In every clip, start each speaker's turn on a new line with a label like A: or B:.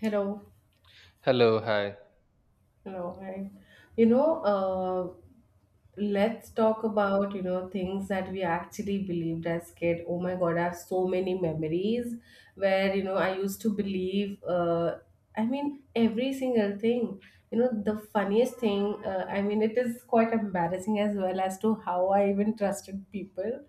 A: Hello,
B: Hello, hi.
A: hello, hi. You know, uh, let's talk about things that we actually believed as kid. Oh my God, I have so many memories where I used to believe — every single thing. You know, the funniest thing. It is quite embarrassing as well as to how I even trusted people.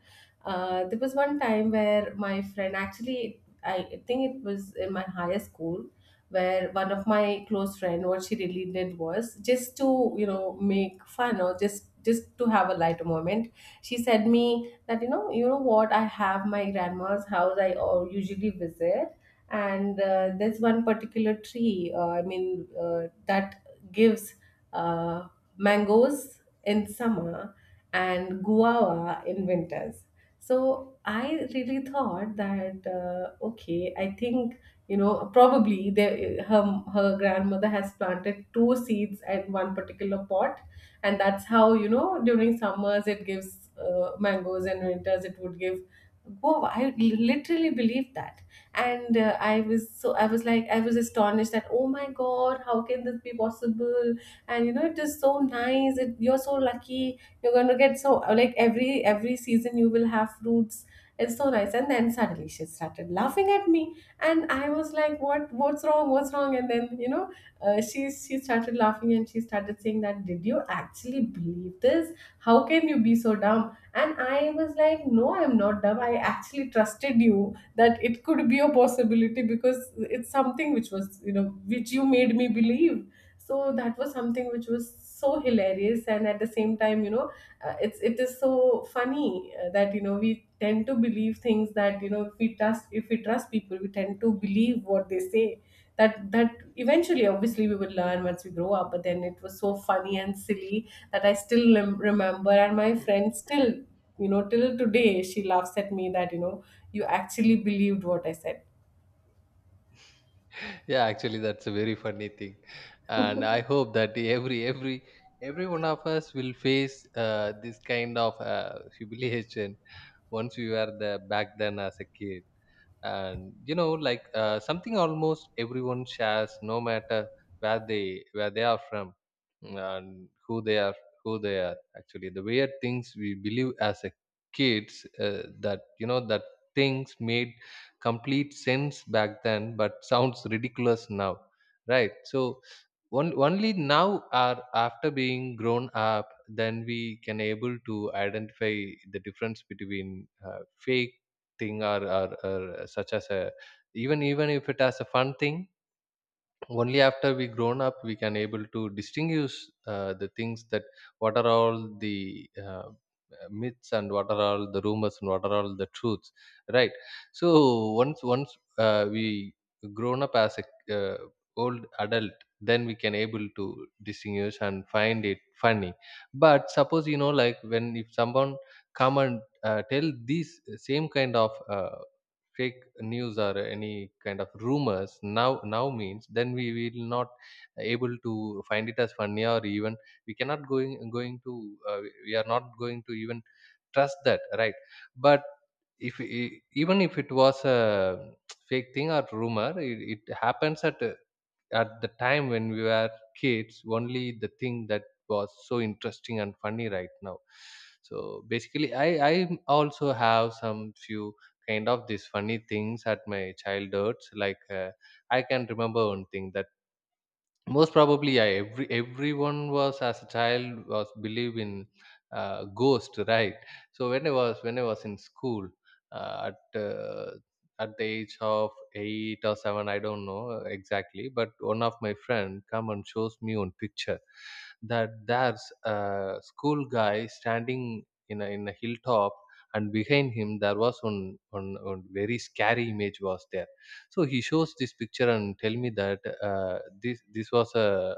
A: There was one time where my friend actually, I think it was in my higher school where one of my close friend what she really did was just to make fun or just to have a lighter moment. She said me that you know, what, I have my grandma's house I usually visit, and there's one particular tree, that gives uh, mangoes in summer and guava in winters. So I really thought that, okay, I think probably her her grandmother has planted two seeds in one particular pot, and that's how during summers it gives mangoes and winters it would give guava. I literally believe that. And I was like, I was astonished that, oh my god, how can this be possible, and you know it is so nice, you're so lucky, you're going to get so like every season you will have fruits, it's so nice. And then suddenly she started laughing at me, and I was like, what's wrong, what's wrong? And then she started laughing and she started saying that, did you actually believe this? How can you be so dumb? And I was like, no, I'm not dumb, I actually trusted you that it could be a possibility, because it's something which was which you made me believe. So that was something which was so hilarious, and at the same time it is so funny that we tend to believe things that if we trust, if we trust people, we tend to believe what they say. That eventually obviously we will learn once we grow up, but then it was so funny and silly that I still remember, and my friend still till today she laughs at me that you actually believed what I said.
B: Yeah, actually, that's a very funny thing, and I hope that every every one of us will face this kind of humiliation once we were the back then as a kid. And you know like something almost everyone shares no matter where they are from, mm, and who they are actually. The weird things we believe as a kids that you know that things made complete sense back then but sounds ridiculous now, right. So only now or after being grown up then we can able to identify the difference between fake thing or such as a even if it has a fun thing, only after we grown up we can able to distinguish the things that what are all the myths and what are all the rumors and what are all the truths, right. So once we grown up as a uh, old adult, then we can able to distinguish and find it funny. But suppose you know like when if someone come and tell these same kind of fake news or any kind of rumors now, now means then we will not able to find it as funny, or even we cannot going to we are not going to even trust that, right. But if even if it was a fake thing or rumor, it happens at the time when we were kids only. The thing that was so interesting and funny right now. So basically I also have some few kind of these funny things at my childhoods, like I can remember one thing that most probably, yeah, everyone was as a child was believe in ghost, right. So when I was in school uh, at uh, at the age of 8 or 7, I don't know exactly, but one of my friend come and shows me one picture that there's a school guy standing in a hilltop, and behind him there was one very scary image was there. So he shows this picture and tell me that this was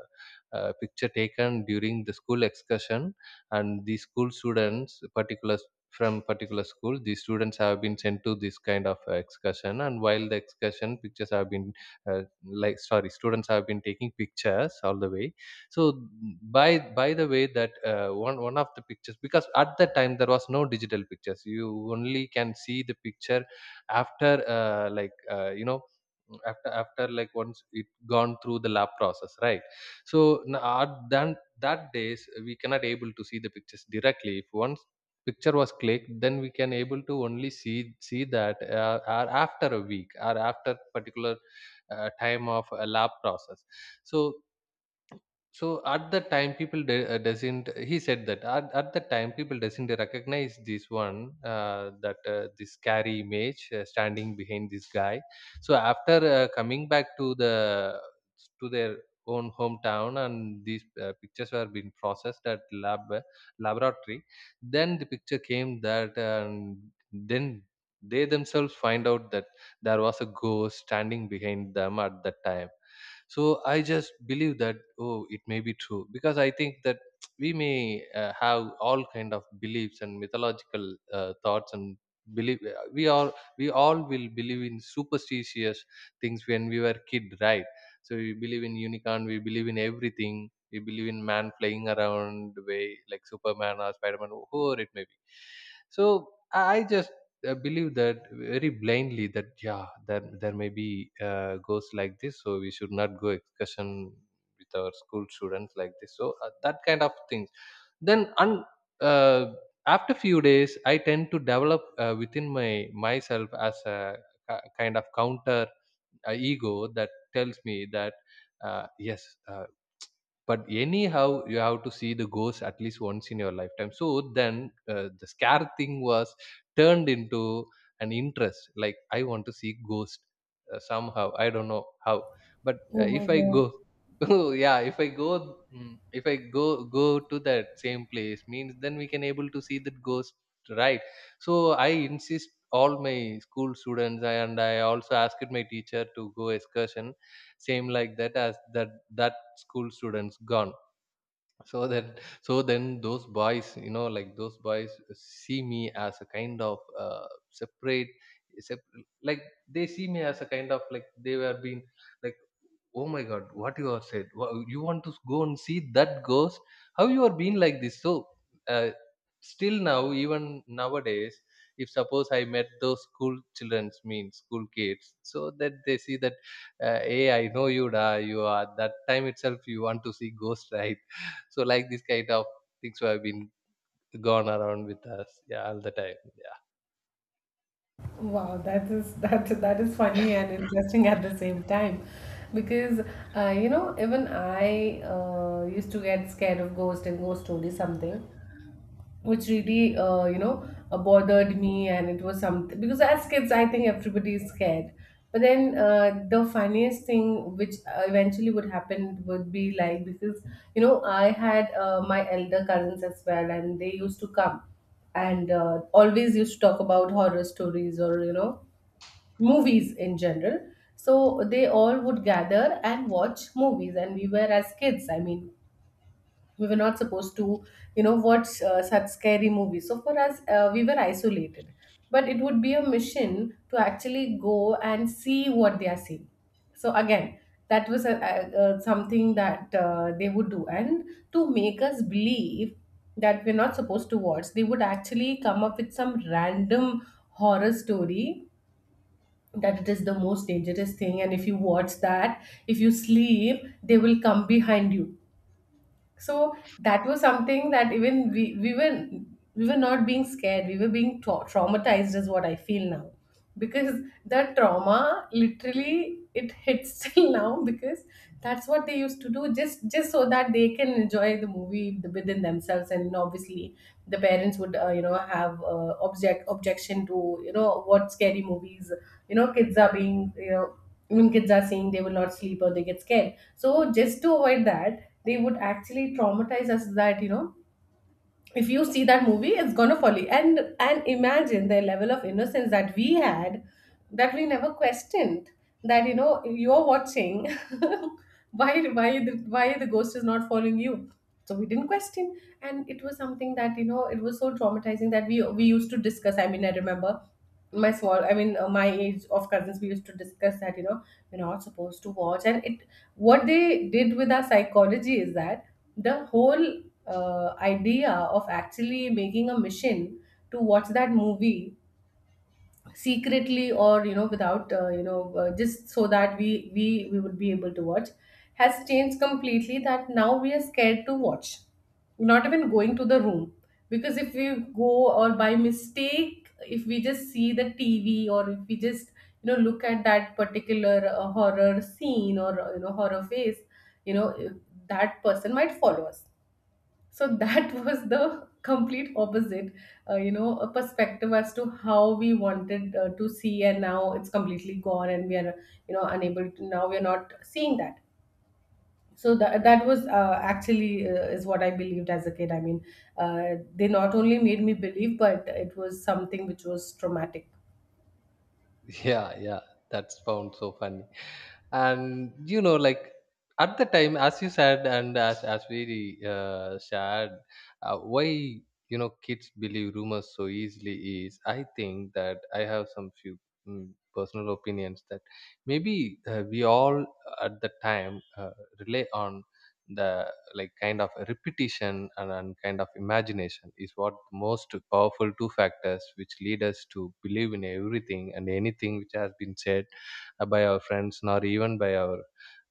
B: a picture taken during the school excursion, and the school students particular from particular school, the students have been sent to this kind of excursion, and while the excursion pictures have been like, sorry, students have been taking pictures all the way. So by by the way that one of the pictures, because at that time there was no digital pictures, you only can see the picture after like you know, after like, once it gone through the lab process, right. So at then that days we cannot able to see the pictures directly. If once picture was clicked, then we can able to only see that or after a week or after particular time of a lab process. So so at the time, people doesn't. He said that at the time, people doesn't recognize this one that this scary image standing behind this guy. So after coming back to the to their own hometown, and these pictures were being processed at lab laboratory, then the picture came that, and then they themselves find out that there was a ghost standing behind them at that time. So I just believe that, oh, it may be true, because I think that we may have all kind of beliefs and mythological thoughts and believe. we all we all will believe in superstitious things when we were kid, right. So we believe in unicorn, we believe in everything, we believe in man flying around the way like Superman or Spider-Man, whoever it may be. So I just believe that very blindly, that, yeah, that there may be goes like this, so we should not go excursion with our school students like this, so that kind of things. Then uh, after few days I tend to develop within my myself as a kind of counter ego that tells me that uh, yes, but anyhow you have to see the ghost at least once in your lifetime. So then the scare thing was turned into an interest, like I want to see ghost. Somehow I don't know how, but
A: Oh my
B: if I
A: god.
B: go oh, yeah, if I go, mm, if I go go to that same place means, then we can able to see that ghost, right. So I insist all my school students, and I also asked my teacher to go excursion same like that, as that school students gone. So that, so then those boys, you know like, those boys see me as a kind of separate, sep- like, they see me as a kind of like they were being like, oh my god, what you have said. You want to go and see that ghost? How you are being like this? So uh, still now, even nowadays, if suppose I met those school children's mean school kids, so that they see that, hey, I know you, da, you are that time itself you want to see ghost, right. So like this kind of things have been gone around with us, yeah, all the time.
A: Wow, that is, that is funny and interesting at the same time, because even I used to get scared of ghost and ghost stories, something which really bothered me, and it was something because as kids I think everybody is scared. But then the funniest thing which eventually would happen would be like, because I had my elder cousins as well, and they used to come and always used to talk about horror stories or movies in general. So they all would gather and watch movies, and we were, as kids, we were not supposed to watch such scary movies, so for us we were isolated. But it would be a mission to actually go and see what they are seeing. So again, that was a something that they would do. And to make us believe that we're not supposed to watch, they would actually come up with some random horror story, that it is the most dangerous thing, and if you watch that, if you sleep, they will come behind you. So that was something that, even we were not being scared, we were being traumatized, is what I feel now. Because the trauma literally it hits till now, because that's what they used to do, just so that they can enjoy the movie within themselves. And obviously the parents would have objection to what scary movies kids are being, I mean, kids are saying they will not sleep or they get scared. So just to avoid that, they would actually traumatize us that if you see that movie, it's gonna follow you. And imagine the level of innocence that we had, that we never questioned, that you're watching, why, why the ghost is not following you. So we didn't question. And it was something that it was so traumatizing that we used to discuss, I remember my small, my age of cousins, we used to discuss that we're not supposed to watch. And it, what they did with our psychology is that the whole idea of actually making a mission to watch that movie secretly, or you know without you know just so that we would be able to watch, has changed completely, that now we are scared to watch, not even going to the room. Because if we go, or by mistake if we just see the TV, or if we just look at that particular horror scene or horror face, you know that person might follow us. So that was the complete opposite, a perspective as to how we wanted to see, and now it's completely gone, and we are, unable to. Now we are not seeing that. So that was actually, is what I believed as a kid. I mean, they not only made me believe, but it was something which was traumatic.
B: Yeah, yeah. That's found so funny. And you know like, at the time, as you said, and as we shared, why you know kids believe rumors so easily is, I think that I have some few, mm, personal opinions that maybe we all at the time rely on the like kind of repetition, and kind of imagination, is what most powerful two factors which lead us to believe in everything and anything which has been said by our friends, nor even by our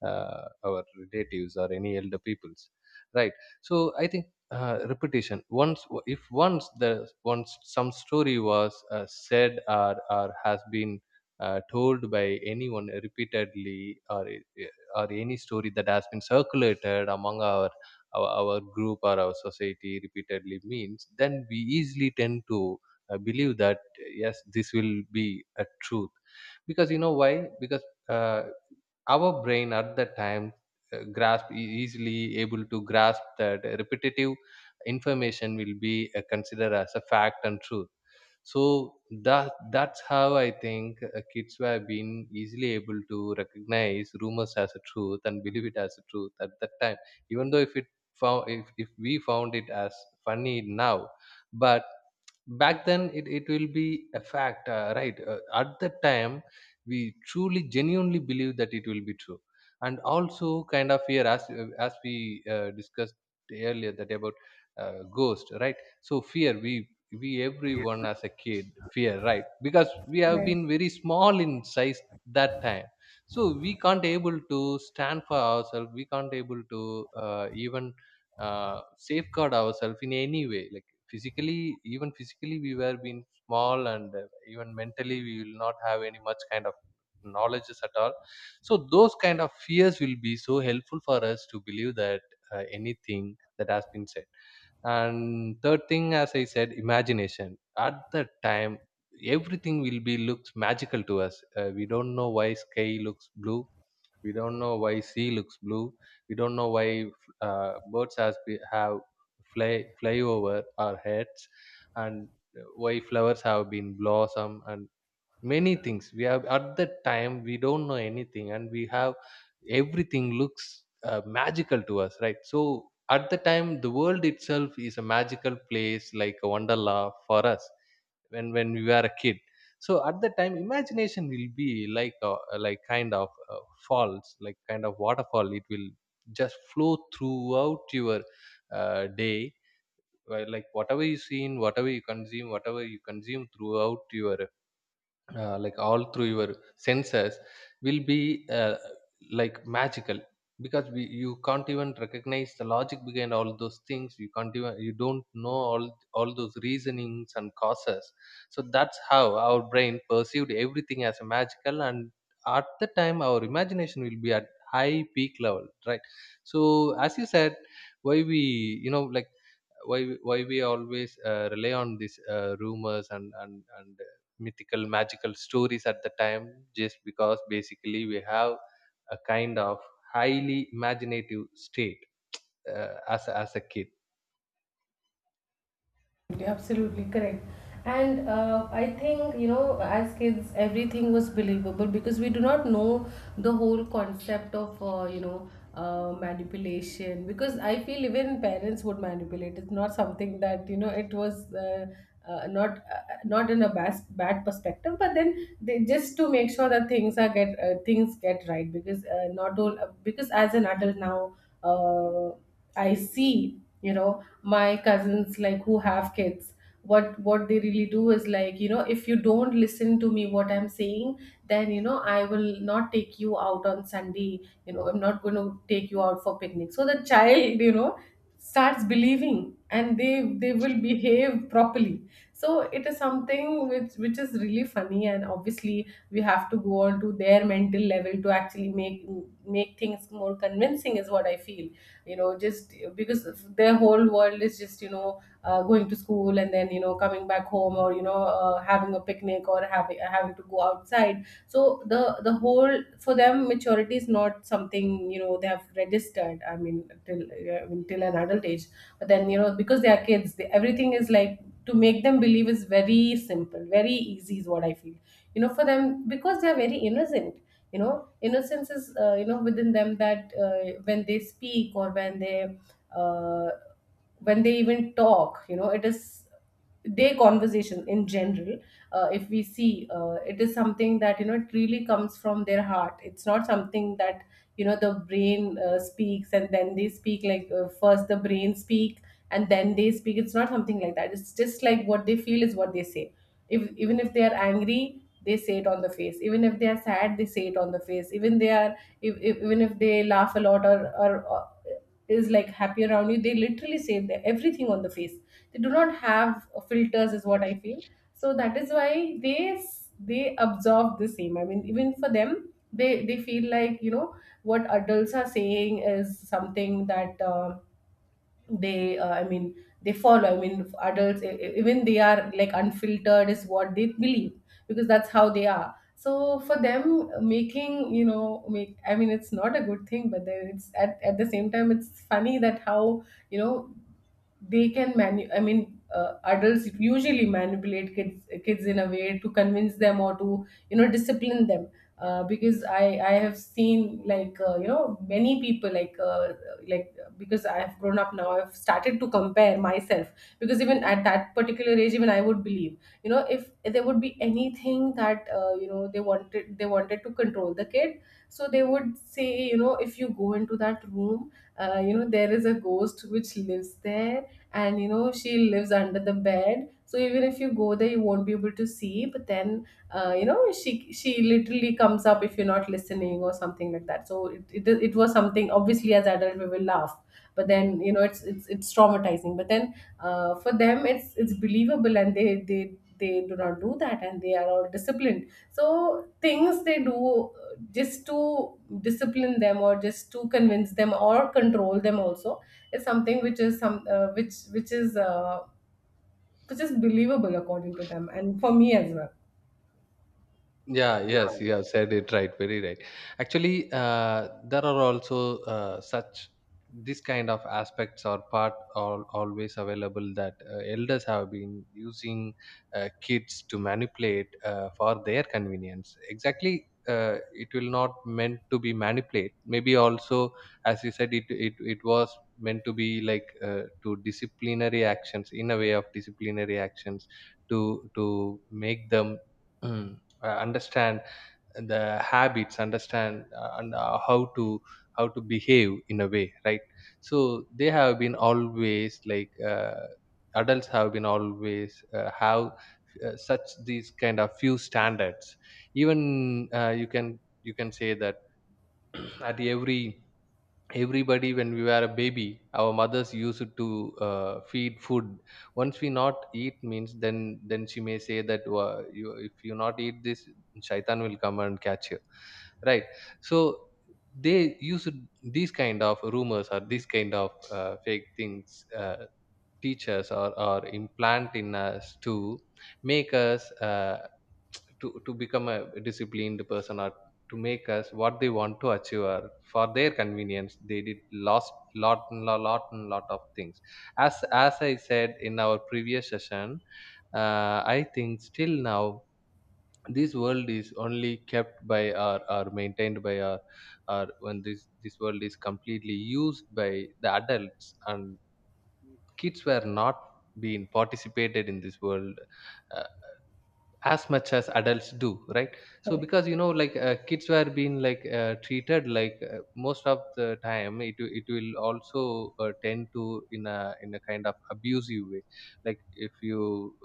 B: our relatives or any elder peoples, right. So I think repetition, once if once the once some story was said, or has been told by anyone repeatedly, or any story that has been circulated among our group or our society repeatedly means, then we easily tend to believe that, yes, this will be a truth. Because you know why? Because uh, our brain at that time grasp easily able to grasp that repetitive information will be considered as a fact and truth. So that's how I think kids were being easily able to recognize rumors as a truth and believe it as a truth at that time, even though if it found if we found it as funny now. But back then it will be a fact, right, at that time, we truly genuinely believe that it will be true. And also kind of fear, as we discussed earlier that about ghost, right. So fear, we
A: Yeah.
B: everyone as a kid fear, right, because we have
A: Right.
B: been very small in size that time. So we can't able to stand for ourselves, we can't able to even safeguard ourselves in any way, like physically, even physically we were being small, and even mentally we will not have any much kind of knowledges at all. So those kind of fears will be so helpful for us to believe that anything that has been said. And third thing, as I said, imagination at that time, everything will be looks magical to us. We don't know why sky looks blue, we don't know why sea looks blue, we don't know why birds have fly over our heads, and why flowers have been blossom, and many things we have at that time, we don't know anything, and we have everything looks magical to us, right. So at the time the world itself is a magical place like a wonderla for us, when we were a kid. So at that time imagination will be like a, like kind of falls, like kind of waterfall, it will just flow throughout your day. Like whatever you see in, whatever you consume, whatever you consume throughout your like all through your senses, will be like magical, because you can't even recognize the logic behind all those things, you can't even, you don't know all those reasonings and causes. So that's how our brain perceived everything as a magical, and at the time our imagination will be at high peak level, right. So as you said, why we, you know like, why we always rely on these rumors, and mythical magical stories at the time, just because basically we have a kind of highly imaginative state as a kid.
A: Absolutely correct. And I think, as kids, everything was believable because we do not know the whole concept of, manipulation. Because I feel even parents would manipulate. It's not something that, it was not not in a bad perspective, but then they just to make sure that things are get, things get right. Because not all because as an adult now. Uh, I see, my cousins like who have kids, what they really do is like, if you don't listen to me what I'm saying, then, I will not take you out on Sunday, I'm not going to take you out for picnic. So the child, starts believing and they will behave properly. So it is something which is really funny, and obviously we have to go on to their mental level to actually make things more convincing, is what I feel. Just because their whole world is just, going to school, and then coming back home, or having a picnic, or having to go outside. So the whole for them, maturity is not something they have registered, till, I mean till an adult age. But then because they are kids, everything is like, to make them believe is very simple, very easy, is what I feel, for them, because they are very innocent. you know innocence is within them, that when they speak or uh, when they even talk, it is their conversation in general. If we see, it is something that it really comes from their heart. It's not something that the brain speaks and then they speak, like first the brain speak and then they speak. It's not something like that, it's just like what they feel is what they say. If, even if they are angry they say it on the face, even if they are sad they say it on the face, even they are, if, even if they laugh a lot, or is like happy around you, they literally say their everything on the face. They do not have filters, is what I feel. So that is why they absorb the same, even for them, they feel like, what adults are saying is something that they uh, i mean they follow. Adults, even they are like unfiltered, is what they believe, because that's how they are. So for them, making you know make I mean it's not a good thing, but then it's, at the same time it's funny, that how you know they can adults usually manipulate kids in a way to convince them or to discipline them. Because I have seen like many people, like because I have grown up now, I've started to compare myself, because even at that particular age, even I would believe. You know, if there would be anything that, you know, they wanted to control the kid. So they would say, you know, if you go into that room, you know, there is a ghost which lives there. And you know, she lives under the bed, so even if you go there you won't be able to see, but then you know, she literally comes up if you're not listening or something like that. So it was something, obviously as adult we will laugh. But then, you know, it's traumatizing, but then for them it's believable, and they they do not do that, and they are all disciplined. So things they do, just to discipline them or just to convince them or control them also is something which is some, which is, which is believable according to them, and for me as well.
B: Yeah, yes,
A: Yeah.
B: you have said it right, very right. Actually, there are also such this kind of aspects are part are always available that elders have been using kids to manipulate for their convenience. Exactly, it will not meant to be manipulate. Maybe also, as you said, it was meant to be like to disciplinary actions, in a way of disciplinary actions to make them. Understand the habits, understand and how to behave in a way, right? So they have been always like adults have been always have such these kind of few standards, even you can say that. At every everybody, when we were a baby, our mothers used to feed food. Once we not eat means, then she may say that, "Wha- you, if you not eat this, shaitan will come and catch you," right? So they use these kind of rumors or these kind of fake things teach us or implant in us to make us to become a disciplined person, or to make us what they want to achieve, or for their convenience they did lost lot and lot of things. As I said in our previous session, I think still now, this world is only kept by or maintained by our, or when this world is completely used by the adults, and kids were not being participated in this world. Uh, as much as adults do, right? So
A: Correct.
B: because you know like kids were being like treated like most of the time it will also tend to in a kind of abusive way. Like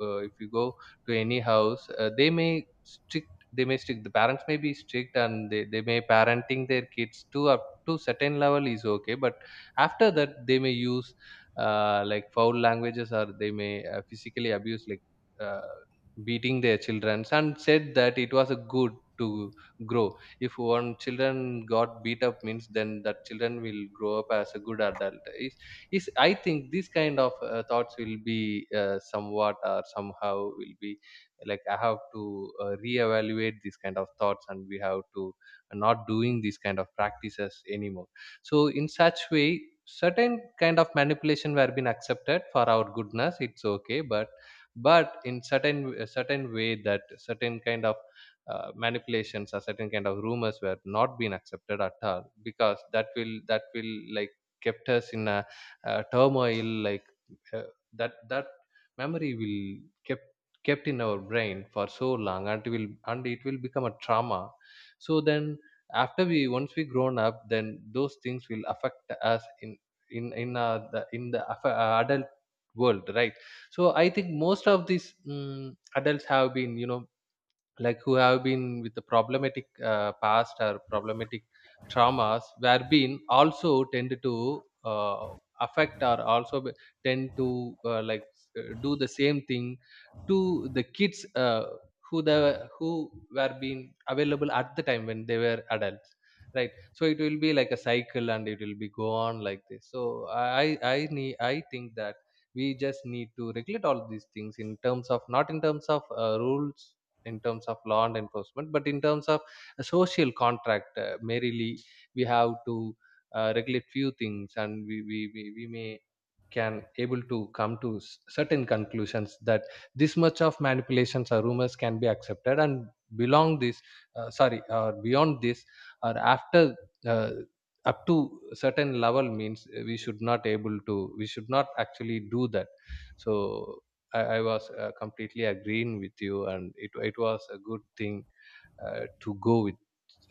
B: if you go to any house, they may strict, they may strict, the parents may be strict, and they may parenting their kids to up to certain level is okay, but after that they may use like foul languages, or they may physically abuse like uh, beating their children, and said that it was a good to grow. If one children got beat up means, then that children will grow up as a good adult, is I think these kind of thoughts will be somewhat or somehow will be like, I have to reevaluate these kind of thoughts, and we have to not doing these kind of practices anymore. So in such way, certain kind of manipulation were been accepted for our goodness, it's okay, but in certain a certain way that certain kind of manipulations or certain kind of rumors were not being accepted at all, because that will like kept us in a, uh, turmoil, like uh, that memory will kept kept in our brain for so long, and it will become a trauma. So then after we once we grown up, then those things will affect us in the in the affa- adult world, right? So I think most of these adults have been, you know, like who have been with the problematic past, or problematic traumas were been also tend to affect, or also be- tend to like do the same thing to the kids who the who were being available at the time when they were adults, right? So it will be like a cycle, and it will be go on like this. So I need, I think that we just need to regulate all these things in terms of, not in terms of rules in terms of law and enforcement, but in terms of a social contract, merely we have to regulate few things, and we may can able to come to s- certain conclusions that this much of manipulations or rumors can be accepted, and belong this, sorry, or beyond this, or after uh, up to certain level means we should not able to, we should not actually do that. So I was completely agreeing with you, and it was a good thing to go with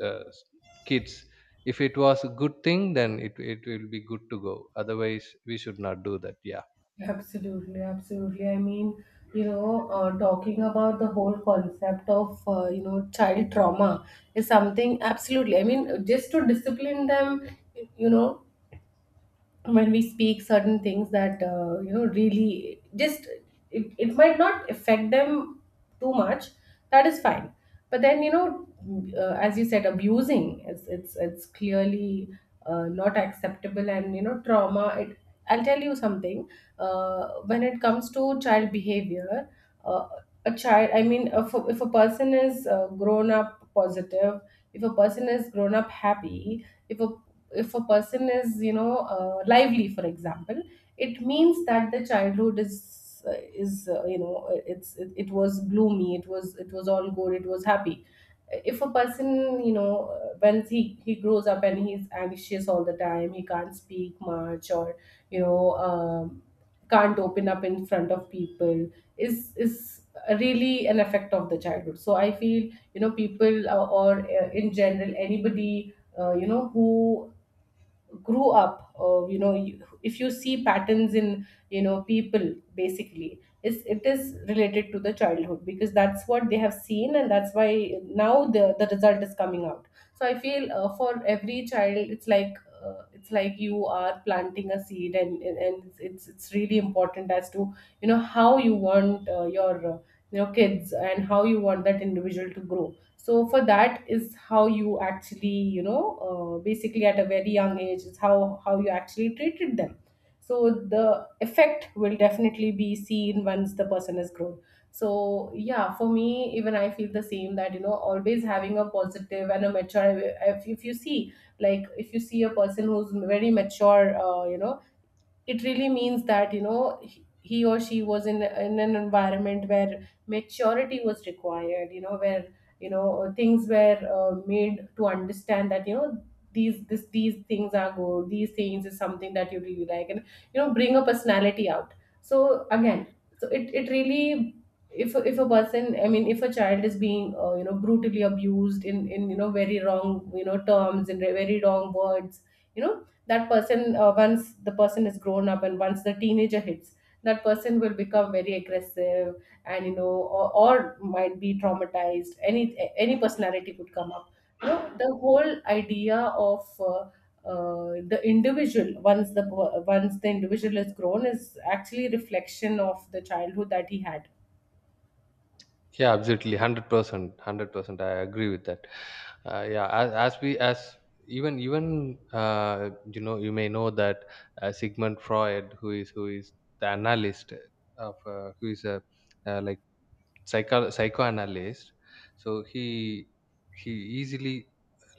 B: s- kids. If it was a good thing, then it will be good to go. Otherwise, we should not do that. Yeah,
A: Absolutely, absolutely. I mean, you know, talking about the whole concept of, you know, child trauma is something absolutely. I mean, just to discipline them, you know, when we speak certain things that, you know, really just it might not affect them too much, that is fine, but then you know, as you said, abusing, it's clearly not acceptable. And you know, trauma, it, I'll tell you something. Uh, when it comes to child behavior, uh, a child, I mean, if a person is, grown up positive, if a person is grown up happy, if a, if a person is, you know, lively, for example, it means that the childhood is, is, you know, it was gloomy, it was all good, it was happy. If a person, you know, when he grows up and he's anxious all the time, he can't speak much, or you know, can't open up in front of people, is really an effect of the childhood. So I feel, you know, people, or, in general, anybody, you know, who grew up, you know, if you see patterns in, you know, people, basically it is related to the childhood, because that's what they have seen, and that's why now the result is coming out. So I feel, for every child it's like, it's like you are planting a seed, and it's really important as to, you know, how you want, your, your kids, and how you want that individual to grow. So for that is how you actually, you know, basically at a very young age is how you actually treated them. So the effect will definitely be seen once the person has grown. So yeah, for me even I feel the same, that you know, always having a positive and a mature. If you see, like if you see a person who's very mature, you know, it really means that, you know, he or she was in an environment where maturity was required, you know, where you know, things were, made to understand that, you know, these things are good, these things is something that you really like, and you know, bring a personality out. So again, so it really, if a person, I mean, if a child is being, you know, brutally abused in you know, very wrong, you know, terms, in very wrong words, you know, that person, once the person is grown up and once the teenager hits, that person will become very aggressive, and you know, or might be traumatized, any personality could come up. You know, the whole idea of, uh, the individual once the, once the individual is grown, is actually reflection of the childhood that he had.
B: yeah, absolutely, 100%, 100%. I agree with that. Yeah, as we as, even even you know you may know that Sigmund Freud, who is the analyst of who is a like psychoanalyst. So he easily,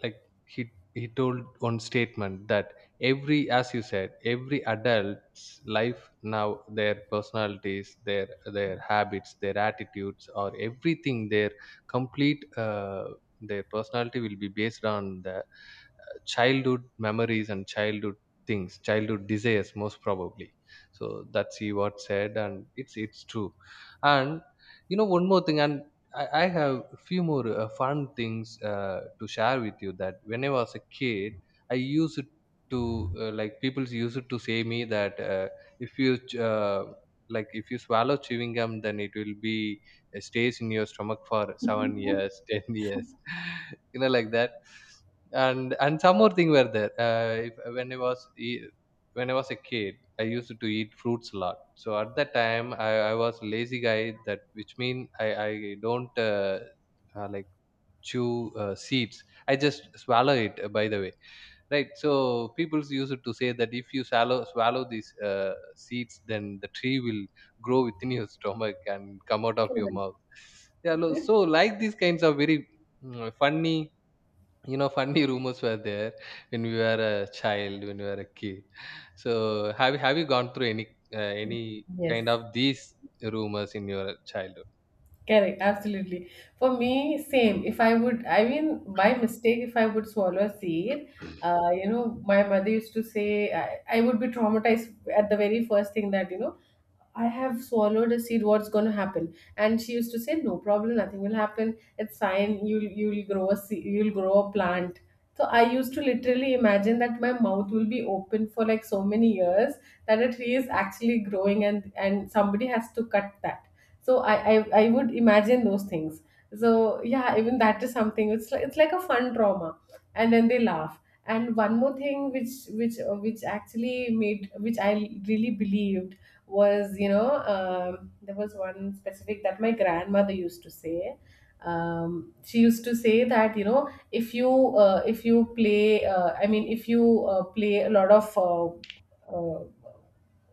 B: like, he told one statement that, every, as you said, every adult's life now, their personalities, their habits, their attitudes, or everything, their complete their personality will be based on that childhood memories, and childhood things, childhood desires, most probably. So that's he what said, and it's true. And, you know, one more thing, and I have a few more fun things to share with you, that when I was a kid, I used to like, people used to say me that if you like, if you swallow chewing gum, then it will be stays in your stomach for 7 years 10 years you know, like that. And some more thing were there, if, when I was e- when I was a kid, I used to eat fruits a lot, so at that time I was lazy guy, that which mean I don't like chew seeds, I just swallow it by the way, right? So people used to say that if you swallow these seeds, then the tree will grow within your stomach and come out of your
A: Correct.
B: mouth. Yeah, lo- so like these kinds of very, funny, you know, funny rumors were there when we were a child, when we were a kid. So have you, have you gone through any kind
A: Yes.
B: of these rumors in your childhood?
A: Correct, absolutely. For me, same. If I would, I mean, by mistake, if I would swallow a seed, you know, my mother used to say, I would be traumatized at the very first thing, that, you know, I have swallowed a seed, what's going to happen? And she used to say, no problem, nothing will happen. It's fine. You'll grow a seed, you'll grow a plant. So I used to literally imagine that my mouth will be open for like so many years, that a tree is actually growing, and somebody has to cut that. So I would imagine those things. So yeah, even that is something, it's like, it's like a fun trauma. And then they laugh. And one more thing, which, which actually made, which I really believed, was, you know, there was one specific that my grandmother used to say. Um, she used to say that, you know, if you, if you play, I mean, if you, play a lot of, uh,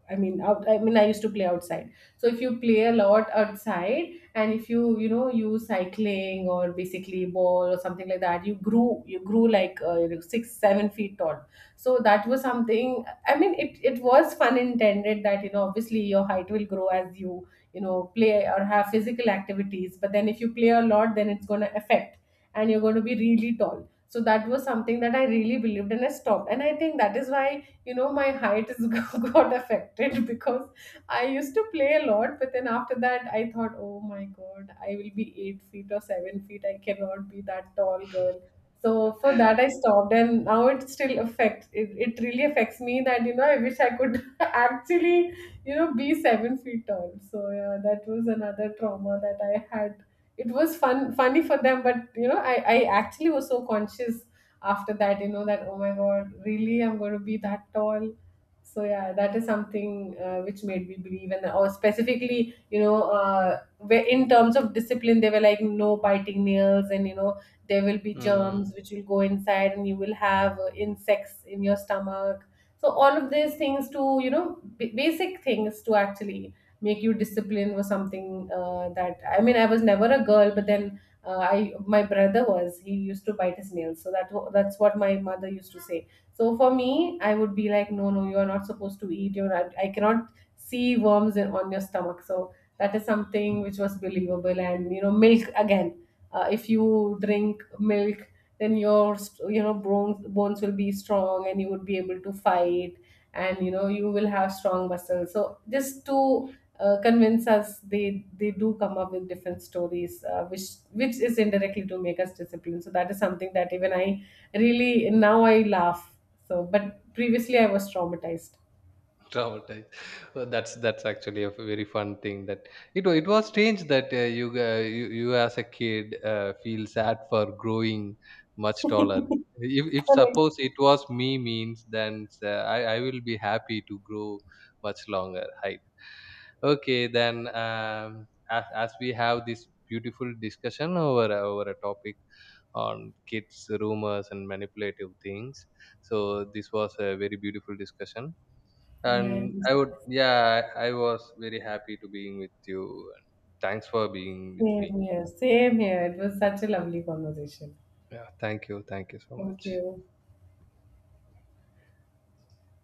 A: I mean, out, I mean, I used to play outside. So if you play a lot outside, and if you, you know, use cycling or basically ball or something like that, you grew like, you know, six, 7 feet tall. So that was something. I mean, it was fun intended that, you know, obviously your height will grow as you, you know, play or have physical activities. But then if you play a lot, then it's going to affect, and you're going to be really tall. So that was something that I really believed and I stopped. And I think that is why you know, my height is got affected, because I used to play a lot, but then after that I thought, oh my god, I will be 8 feet or 7 feet, I cannot be that tall girl. So for that I stopped, and now it still affects, it really affects me that, you know, I wish I could actually, you know, be 7 feet tall. So yeah, that was another trauma that I had. It was fun, funny for them, but you know, I actually was so conscious after that, you know, that oh my god, really, I'm going to be that tall. So yeah, that is something, which made me believe. And or specifically, you know, where in terms of discipline they were like, no biting nails, and you know, there will be germs
B: Mm,
A: which will go inside, and you will have, insects in your stomach. So all of these things, to you know, basic things, to actually make you disciplined was something, that, I mean, I was never a girl, but then I my brother was, he used to bite his nails, so that's what my mother used to say. So for me I would be like, no no, you are not supposed to eat, you're not, I cannot see worms on your stomach, so that is something which was believable. And you know, milk again, if you drink milk, then you know, bones will be strong, and you would be able to fight, and you know, you will have strong muscles. So just to convince us, they do come up with different stories, which is indirectly to make us disciplined. So that is something that even I, really now, I laugh. So but, previously I was traumatized.
B: traumatized. Well, that's actually a very fun thing. That it wa- it was strange that you you as a kid feel sad for growing much taller. If
A: Okay.
B: suppose it was me means, then I will be happy to grow much longer height. Okay, then as we have this beautiful discussion over a- over a topic on kids rumors and manipulative things, so this was a very beautiful discussion,
A: Yeah,
B: and I would, yeah, I was very happy to being with you. And thanks for being with
A: same
B: me.
A: here, same here, it was such a lovely conversation.
B: Yeah, thank you so
A: Thank
B: much.
A: you.